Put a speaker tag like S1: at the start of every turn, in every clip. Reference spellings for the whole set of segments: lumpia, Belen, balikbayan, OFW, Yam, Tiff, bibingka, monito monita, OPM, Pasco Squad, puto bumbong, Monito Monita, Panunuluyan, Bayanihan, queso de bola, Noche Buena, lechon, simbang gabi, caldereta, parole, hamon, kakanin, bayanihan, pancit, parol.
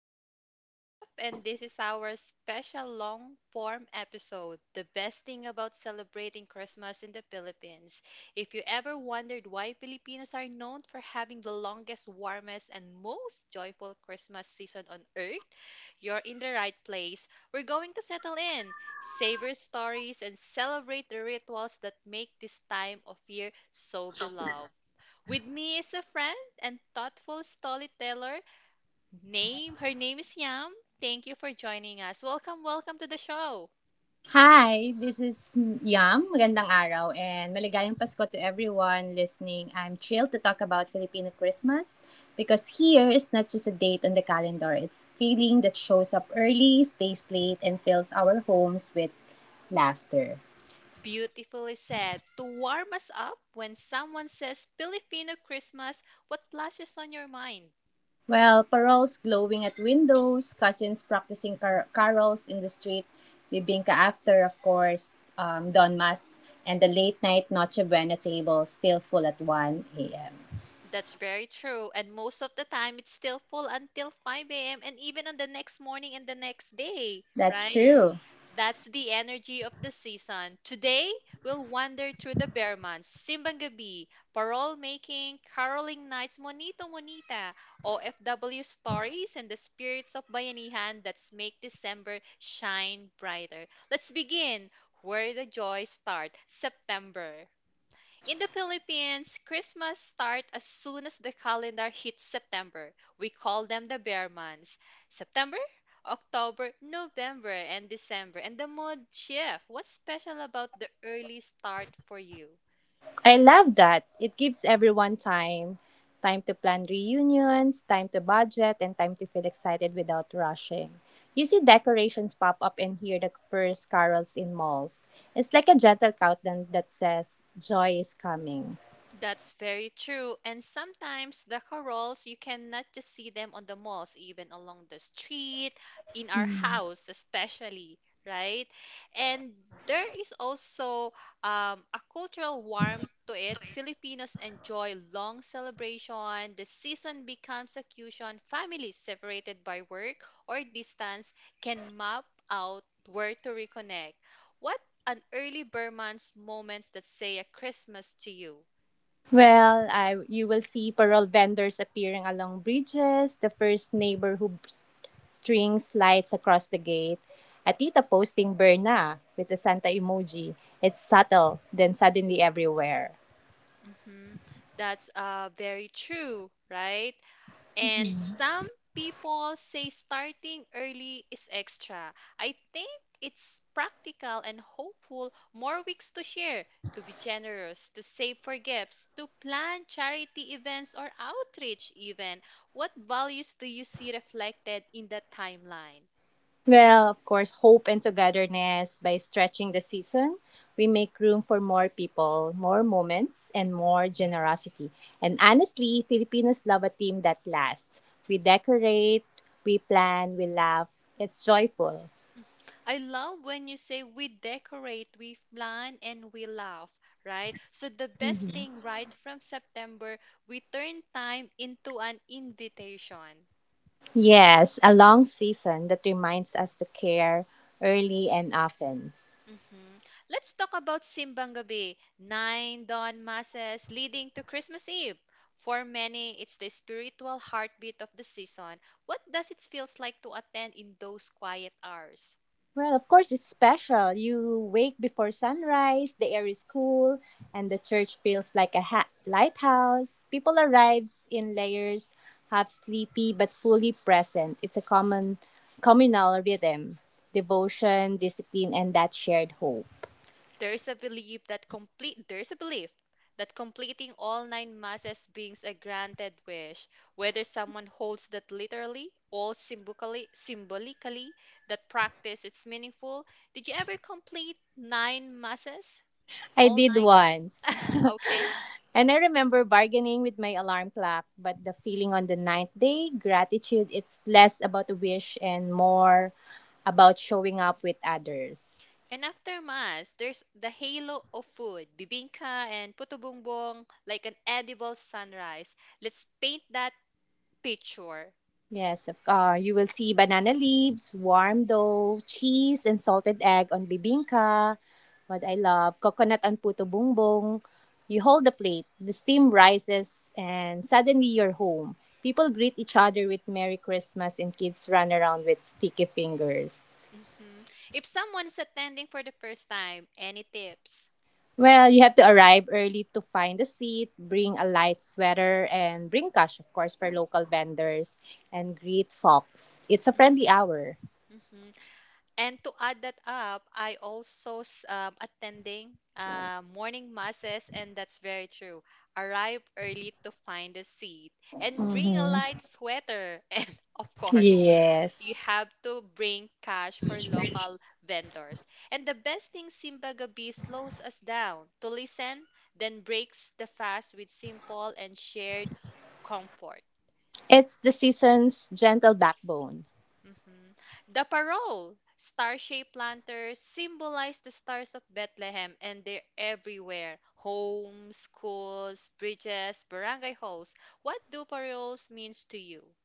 S1: I am Tiff, and this is our special long form episode, The Best Thing About Celebrating Christmas in the Philippines. If you ever wondered why Filipinos are known for having the longest, warmest, and most joyful Christmas season on earth, you're in the right place. We're going to settle in, savor stories, and celebrate the rituals that make this time of year so beloved. With me is a friend and thoughtful storyteller. Name her name is Yam. Thank you for joining us. Welcome to the show.
S2: Hi, this is Yam. Magandang araw and maligayang Pasko to everyone listening. I'm thrilled to talk about Filipino Christmas because here is not just a date on the calendar. It's a feeling that shows up early, stays late, and fills our homes with laughter.
S1: Beautifully said. To warm us up, when someone says Filipino Christmas, what flashes on your mind?
S2: Well, paroles glowing at windows, cousins practicing carols in the street, bibingka after, of course, Don Mas, and the late night Noche Buena table still full at 1 a.m.
S1: That's very true, and most of the time it's still full until 5 a.m. and even on the next morning and the next day,
S2: That's
S1: right?
S2: true.
S1: That's the energy of the season. Today, we'll wander through the bear months, simbang gabi, parole making, caroling nights, monito monita, OFW stories, and the spirits of bayanihan that make December shine brighter. Let's begin where the joys start, September. In the Philippines, Christmas start as soon as the calendar hits September. We call them the bear months. September, October, November, and December. And the mood shift. What's special about the early start for you?
S2: I love that. It gives everyone time to plan reunions, time to budget, and time to feel excited without rushing. You see decorations pop up and hear the first carols in malls. It's like a gentle countdown that says, "Joy is coming."
S1: That's very true. And sometimes the corals, you cannot just see them on the malls, even along the street, in our house, especially, right? And there is also a cultural warmth to it. Filipinos enjoy long celebration. The season becomes occasion. Families separated by work or distance can map out where to reconnect. What an early Burman's moments that say a Christmas to you?
S2: Well, you will see parol vendors appearing along bridges, the first neighbor strings lights across the gate, a tita posting Berna with the Santa emoji. It's subtle, then suddenly everywhere.
S1: Hmm. That's very true, right? And some people say starting early is extra. I think it's practical and hopeful. More weeks to share, to be generous, to save for gifts, to plan charity events or outreach, even. What values do you see reflected in that timeline?
S2: Well, of course, hope and togetherness by stretching the season. We make room for more people, more moments, and more generosity. And honestly, Filipinos love a theme that lasts. We decorate, we plan, we laugh. It's joyful.
S1: Mm. I love when you say we decorate, we plan, and we laugh, right? So the best thing, right from September, we turn time into an invitation.
S2: Yes, a long season that reminds us to care early and often.
S1: Mhm. Let's talk about Simbang Gabi, nine dawn masses leading to Christmas Eve. For many, it's the spiritual heartbeat of the season. What does it feels like to attend in those quiet hours?
S2: Well, of course, it's special. You wake before sunrise, the air is cool, and the church feels like a lighthouse. People arrive in layers, half sleepy but fully present. It's a common communal rhythm, devotion, discipline, and that shared hope.
S1: There is a belief that completing all nine masses brings a granted wish. Whether someone holds that literally or symbolically, that practice it's meaningful. Did you ever complete nine masses?
S2: I
S1: All
S2: did
S1: nine?
S2: once.
S1: Okay.
S2: And I remember bargaining with my alarm clock, but the feeling on the ninth day, gratitude, it's less about a wish and more about showing up with others.
S1: And after mass, there's the halo of food, bibingka and puto bumbong, like an edible sunrise. Let's paint that picture.
S2: Yes, you will see banana leaves, warm dough, cheese, and salted egg on bibingka. What I love, coconut on puto bumbong. You hold the plate, the steam rises, and suddenly you're home. People greet each other with "Merry Christmas," and kids run around with sticky fingers.
S1: Hmm. If someone's attending for the first time, any tips?
S2: Well, you have to arrive early to find a seat, bring a light sweater, and bring cash, of course, for local vendors, and greet folks. It's a
S1: Hmm.
S2: friendly hour.
S1: Hmm. And to add that up, I also attending morning masses, and that's very true. Arrive early to find a seat, and bring a
S2: Mhm.
S1: light sweater. And of course, you
S2: Yes.
S1: have to bring cash for local vendors. And the best thing, Simba Gabi slows us down to listen, then breaks the fast with simple and shared comfort.
S2: It's the season's gentle backbone.
S1: Mhm. The parole star-shaped lanterns symbolize the stars of Bethlehem and they're everywhere. Homes, schools, bridges, barangay halls. What do paroles means to you?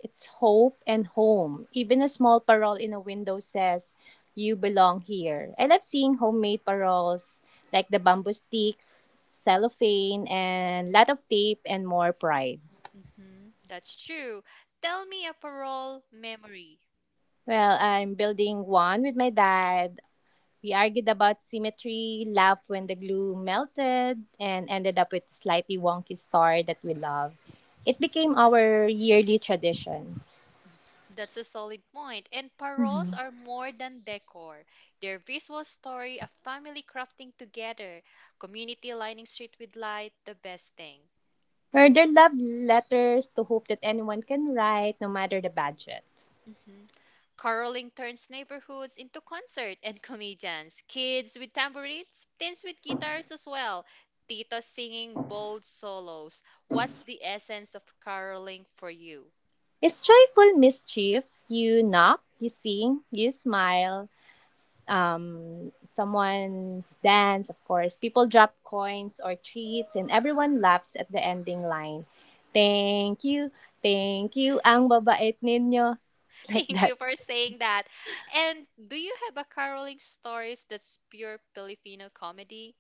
S2: It's hope and home. Even a small parole in a window says, "You belong here." I love seeing homemade paroles like the bamboo sticks, cellophane, and lot of tape and more pride.
S1: Hmm. That's true. Tell me a parole memory.
S2: Well, I'm building one with my dad. We argued about symmetry, laughed when the glue melted, and ended up with slightly wonky star that we love. It
S1: Mhm.
S2: became our yearly tradition.
S1: That's a solid point. And paroles are more than decor. They're visual story of family crafting together, community lining street with light, the best thing.
S2: Her dear love letters to hope that anyone can write, no matter the budget.
S1: Mm-hmm. Caroling turns neighborhoods into concert and comedians, kids with tambourines, teens with guitars as well, titas singing bold solos. What's the essence of caroling for you?
S2: It's joyful mischief. You knock, you sing, you smile. Someone dance, of course. People drop coins or treats, and everyone laughs at the ending line. Thank you, ang babait ninyo. Like
S1: Thank you
S2: that.
S1: for saying that. And do you have a caroling stories that's pure Filipino comedy?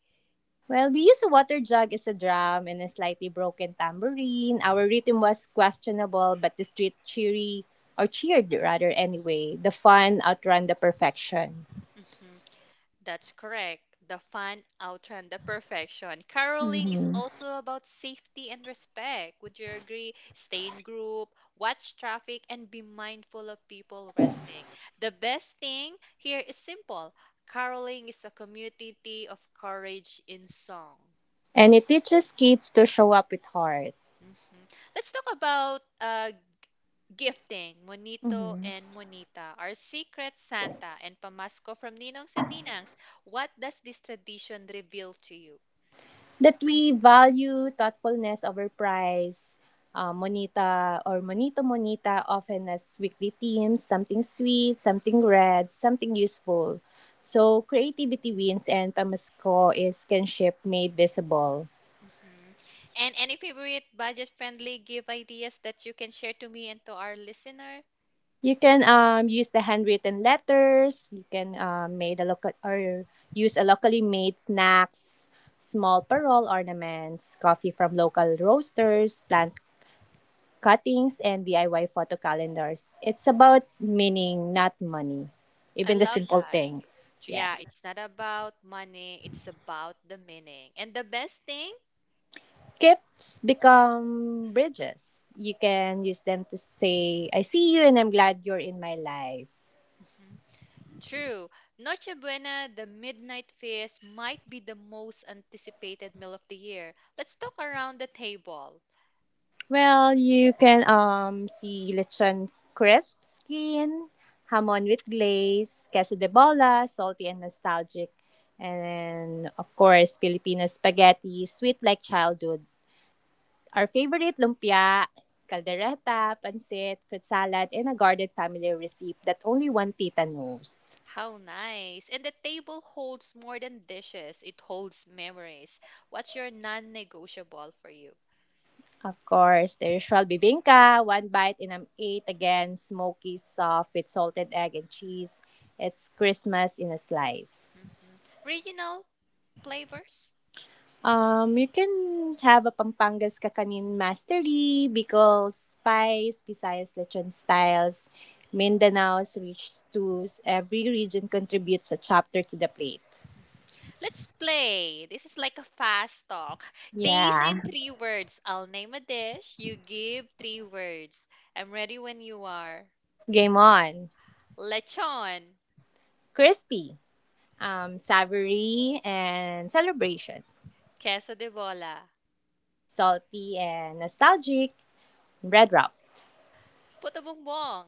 S2: Well, we use a water jug as a drum and a slightly broken tambourine. Our rhythm was questionable, but the street cheery or cheered rather anyway. The fun outrun the perfection.
S1: Mhm. That's correct. The fun outrun the perfection. Caroling is
S2: Mhm.
S1: also about safety and respect. Would you agree? Stay in group, watch traffic, and be mindful of people resting. The best thing here is simple. Caroling is a community of courage in song.
S2: And it teaches kids to show up with heart.
S1: Mhm. Let's talk about gifting. Monito and Monita, our secret Santa and Pamasco from Ninongs and Ninangs. What does this tradition reveal to you?
S2: That we value thoughtfulness over price. Monita or Monito Monita often as weekly themes, something sweet, something red, something useful. So creativity wins and Pamasco is kinship made visible.
S1: Hmm. And any favorite budget-friendly gift ideas that you can share to me and to our listener?
S2: You can use the handwritten letters, you can made a local or use a locally made snacks, small parole ornaments, coffee from local roasters, plant cuttings and DIY photo calendars. It's about meaning, not money.
S1: I
S2: Even the
S1: love
S2: simple
S1: that.
S2: things.
S1: So yeah,
S2: Yes.
S1: it's not about money, it's about the meaning. And the best thing?
S2: Gifts become bridges. You can use them to say, "I see you and I'm glad you're in my life."
S1: Mhm. True. Noche Buena, the Midnight Feast, might be the most anticipated meal of the year. Let's talk around the table.
S2: Well, you can see lechon crisp skin, hamon with glaze, queso de bola, salty and nostalgic, and of course Filipino spaghetti, sweet like childhood, our favorite lumpia, caldereta, pancit, fruit salad, and a guarded family receipt that only one tita knows.
S1: How nice. And the table holds more than dishes, it holds memories. What's your non-negotiable for you?
S2: Of course, the usual bibingka, one bite and I'm eight again, smoky, soft, with salted egg and cheese. It's Christmas in a slice.
S1: Hmm. Regional flavors?
S2: You can have a Pampangas kakanin mastery, pickles, spice, Visayas lechon styles, Mindanao's rich stews. Every region contributes a chapter to the plate.
S1: Let's play. This is like a fast talk. Taste in
S2: Yeah.
S1: three words. I'll name a dish. You give three words. I'm ready when you are.
S2: Game on.
S1: Lechon,
S2: Crispy, savory and celebration.
S1: queso de bola,
S2: Salty and nostalgic. Bread wrap.
S1: puto bumbong,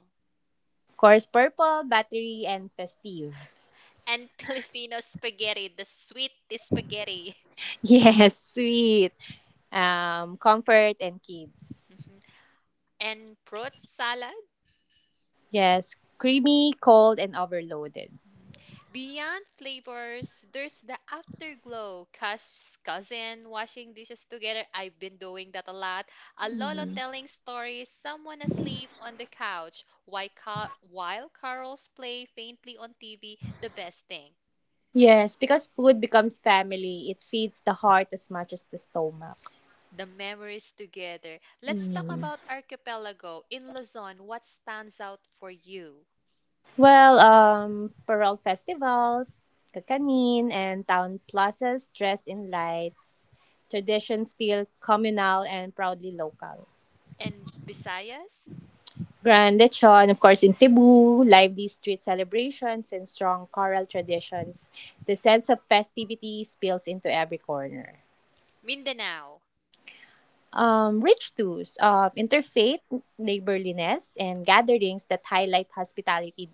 S2: Course purple, battery and festive.
S1: and Filipino spaghetti, the sweet spaghetti.
S2: Yes, sweet. Comfort and kids.
S1: Mhm. And fruit salad.
S2: Yes, creamy, cold and overloaded.
S1: Mhm. Beyond flavors, there's the afterglow. Cousin washing dishes together. I've been doing that a lot. A lolo
S2: Mhm.
S1: telling stories. Someone asleep on the couch. While carols play faintly on TV. The best thing.
S2: Yes, because food becomes family. It feeds the heart as much as the stomach.
S1: The memories together. Let's talk about archipelago. In Luzon, what stands out for you?
S2: Well, parole festivals, kakanin, and town plazas dressed in lights. Traditions feel communal and proudly local.
S1: And Visayas?
S2: Grand lechon, of course, in Cebu, lively street celebrations and strong choral traditions. The sense of festivity spills into every corner.
S1: Mindanao.
S2: Rich tours of interfaith neighborliness and gatherings that highlight hospitality.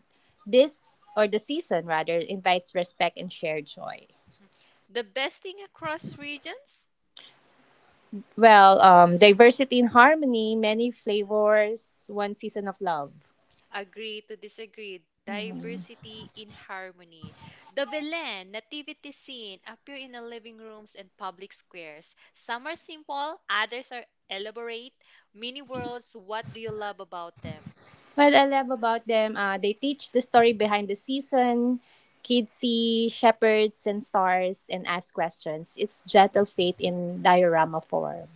S2: This or the season rather invites respect and shared joy.
S1: The best thing across regions?
S2: Well, diversity in harmony, many flavors, one season of love.
S1: Agree to disagree. Diversity in harmony. The Belen nativity scene appear in the living rooms and public squares. Some are simple, others are elaborate. Mini worlds, what do you love about them?
S2: What I love about them, they teach the story behind the season. Kids see shepherds and stars and ask questions. It's gentle faith in diorama form.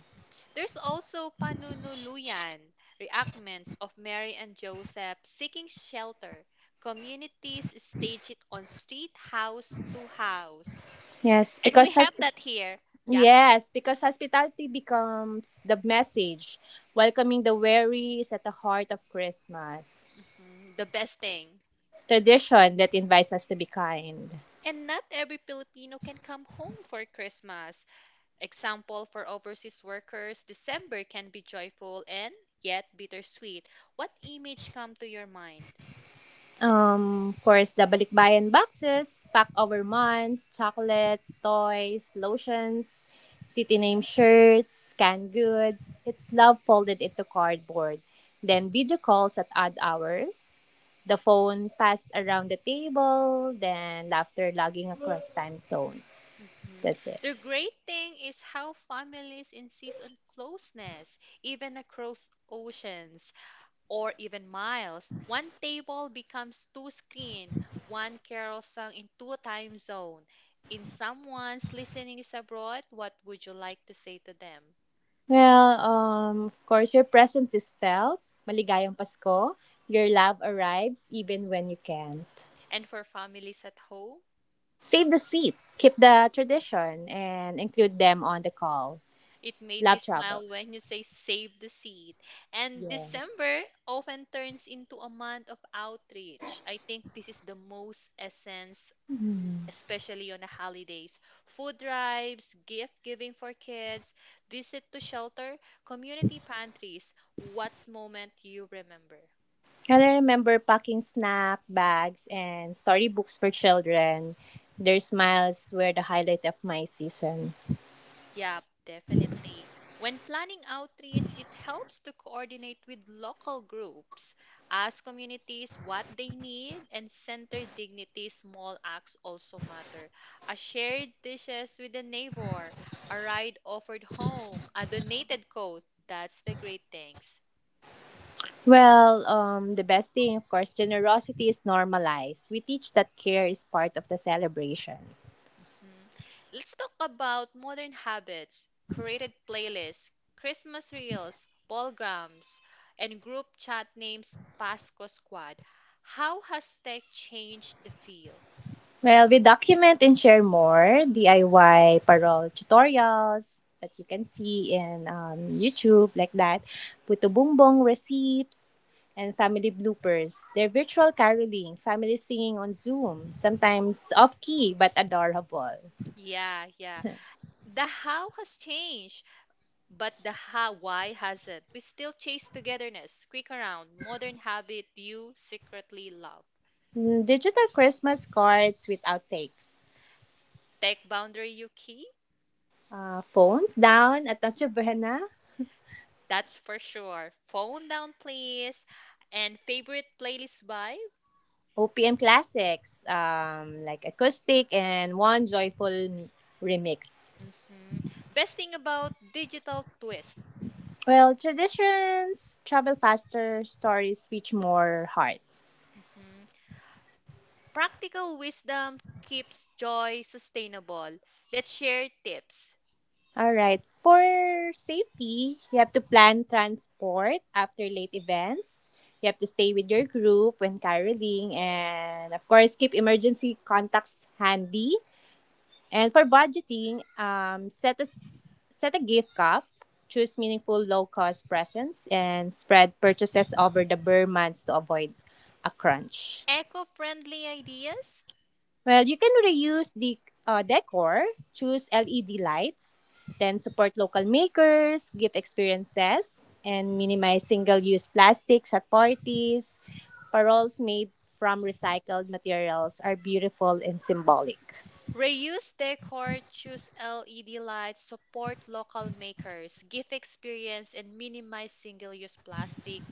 S1: There's also Panunuluyan, reenactments of Mary and Joseph seeking shelter. Communities stage it on street house to house.
S2: Yes,
S1: And we
S2: because
S1: have
S2: hosp-
S1: that here. Yeah.
S2: yes, because hospitality becomes the message. Welcoming the weary is at the heart of Christmas.
S1: Mhm, the best thing.
S2: Tradition that invites us to be kind.
S1: And not every Filipino can come home for Christmas. Example for overseas workers, December can be joyful and yet bittersweet. What image come to your mind?
S2: Of course, the balikbayan boxes, pack over months, chocolates, toys, lotions, city name shirts, canned goods. It's love folded into cardboard. Then video calls at odd hours. The phone passed around the table. Then laughter logging across time zones.
S1: Mhm.
S2: That's it.
S1: The great thing is how families insist on closeness, even across oceans or even miles. One table becomes two screen, one carol sung in two time zone. In someone's listening is abroad, what would you like to say to them?
S2: Well, of course, your presence is felt. Maligayang Pasko. Your love arrives even when you can't.
S1: And for families at home,
S2: Save the seat, keep the tradition, and include them on the call.
S1: it made me
S2: Love
S1: smile when you
S2: travels.
S1: say save the seat. And
S2: Yes.
S1: December often turns into a month of outreach. I think this is the most essence, especially on the holidays. Food drives, gift giving for kids, visit to shelter, community pantries. What's moment you remember?
S2: And I remember packing snack bags and storybooks for children. Their smiles were the highlight of my season.
S1: Yeah, definitely. When planning outreach, it helps to coordinate with local groups, ask communities what they need, and center dignity. Small acts also matter. A shared dishes with a neighbor, a ride offered home, a donated coat. That's the great things.
S2: Well, the best thing, of course, generosity is normalized. We teach that care is part of the celebration.
S1: Mhm. Let's talk about modern habits, curated playlists, Christmas reels, programs, and group chat names Pasco Squad. How has tech changed the feel?
S2: Well, we document and share more DIY parol tutorials that you can see in YouTube, like that. Puto Bumbong recipes and family bloopers. They're virtual caroling, family singing on Zoom, sometimes off key but adorable.
S1: Yeah, yeah. The how has changed, but the how why hasn't. We still chase togetherness, quick around, modern habit you secretly love.
S2: Mm, digital Christmas cards with outtakes.
S1: Tech boundary you keep?
S2: Phones down at Noche Buena.
S1: That's for sure. Phone down, please. And favorite playlist by?
S2: OPM classics like acoustic and one joyful remix.
S1: Hmm. Best thing about digital twist.
S2: Well, traditions travel faster, stories reach more hearts.
S1: Hmm. Practical wisdom keeps joy sustainable. Let's share tips.
S2: All right. For safety, you have to plan transport after late events. You have to stay with your group when caroling and of course keep emergency contacts handy. And for budgeting, set a gift cup, choose meaningful low cost presents, and spread purchases over the bare months to avoid a crunch.
S1: Eco-friendly ideas.
S2: Well, you can reuse the decor, choose LED lights, then support local makers, gift experiences, and minimize single use plastics at parties. Paroles made from recycled materials are beautiful and symbolic.
S1: Reuse decor, choose LED lights, support local makers, give experience, and minimize single use plastic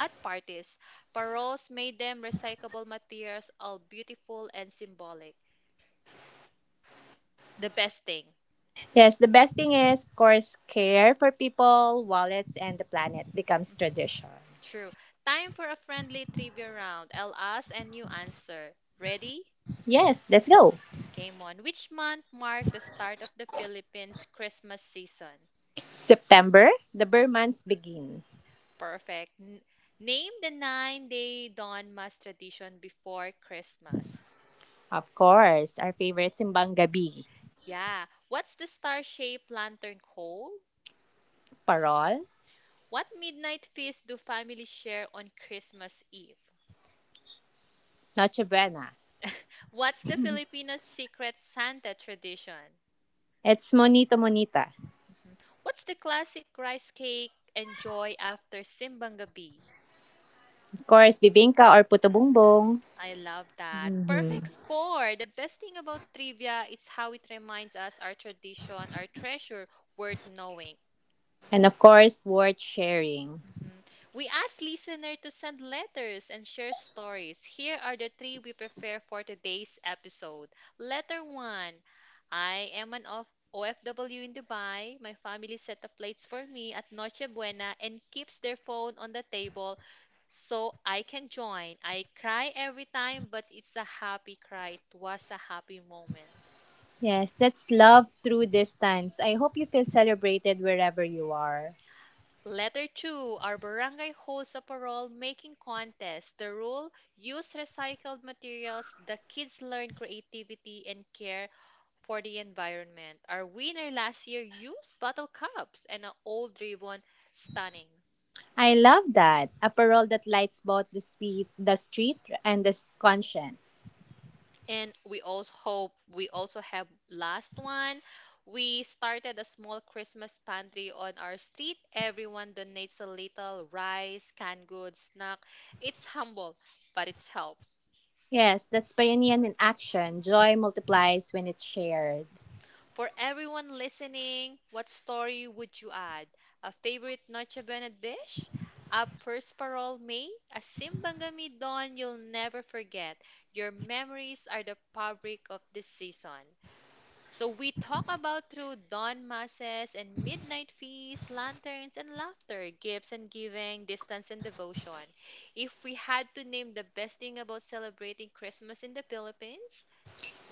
S1: at parties. Paroles made them recyclable materials, all beautiful and symbolic. The best thing.
S2: Yes, the best thing is, of course, care for people, wallets, and the planet becomes
S1: Mm-hmm.
S2: tradition.
S1: True. Time for a friendly trivia round. I'll ask and you answer. Ready?
S2: Yes, let's go.
S1: Game on. Which month marked the start of the Philippines' Christmas season?
S2: September, the Burr months begin.
S1: Perfect. Name the nine-day dawn mass tradition before Christmas.
S2: Of course, our favorite simbang gabi,
S1: Yeah. What's the star-shaped lantern called?
S2: parol,
S1: What midnight feast do families share on Christmas Eve?
S2: Noche Buena.
S1: What's the Filipino secret Santa tradition?
S2: It's Monito Monita.
S1: Mhm. What's the classic rice cake enjoy after simbang gabi?
S2: Of course, bibingka or puto bumbong.
S1: I love that.
S2: Mhm.
S1: Perfect score. The best thing about trivia is how it reminds us our tradition, our treasure worth knowing.
S2: And of course, worth sharing.
S1: Mhm. We ask listener to send letters and share stories. Here are the three we prefer for today's episode. Letter 1. I am an of OFW in Dubai. My family set the plates for me at Noche Buena and keeps their phone on the table so I can join. I cry every time, but it's a happy cry. It was a happy moment.
S2: Yes, that's love through distance. I hope you feel celebrated wherever you are.
S1: Letter 2. Our barangay holds a parol making contest. The rule, use recycled materials. The kids learn creativity and care for the environment. Our winner last year used bottle cups and an old ribbon. Stunning.
S2: I love that. A parole that lights both the street and conscience.
S1: And we also hope We also have last one. We started a small Christmas pantry on our street. Everyone donates a little rice, canned goods, snack. It's humble, but it's help.
S2: Yes, that's Bayanihan in action. Joy multiplies when it's shared.
S1: For everyone listening, what story would you add? A favorite Noche Buena dish? A first parole May? A Simbangami Dawn you'll never forget? Your memories are the fabric of this season. So we talk about through dawn masses and midnight feasts, lanterns and laughter, gifts and giving, distance and devotion. If we had to name the best thing about celebrating Christmas in the Philippines,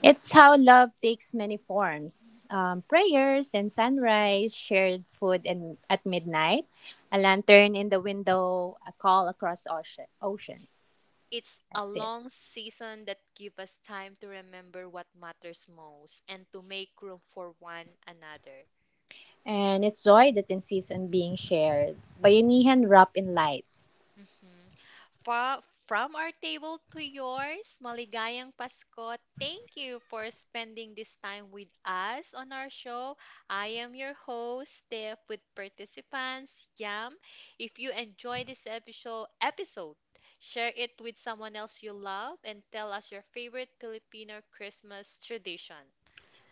S2: It's how love takes many forms prayers and sunrise, shared food and at midnight, a lantern in the window, a call across oceans.
S1: it's a
S2: That's it.
S1: long season that gives us time to remember what matters most and to make room for one another.
S2: And it's joy that insists on being shared. Bayanihan wrapped in lights.
S1: Mhm. From our table to yours, maligayang Pasko. Thank you for spending this time with us on our show. I am your host, Steph, with participants, Yam. If you enjoy this episode, share it with someone else you love and tell us your favorite Filipino Christmas tradition.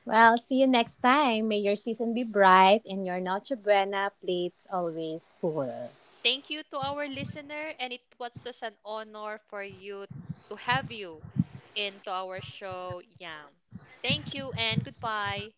S2: Well, see you next time. May your season be bright and your Noche Buena plates always full.
S1: Thank you to our listener, and it was just an honor for you to have you into our show. Yeah. Thank you and goodbye.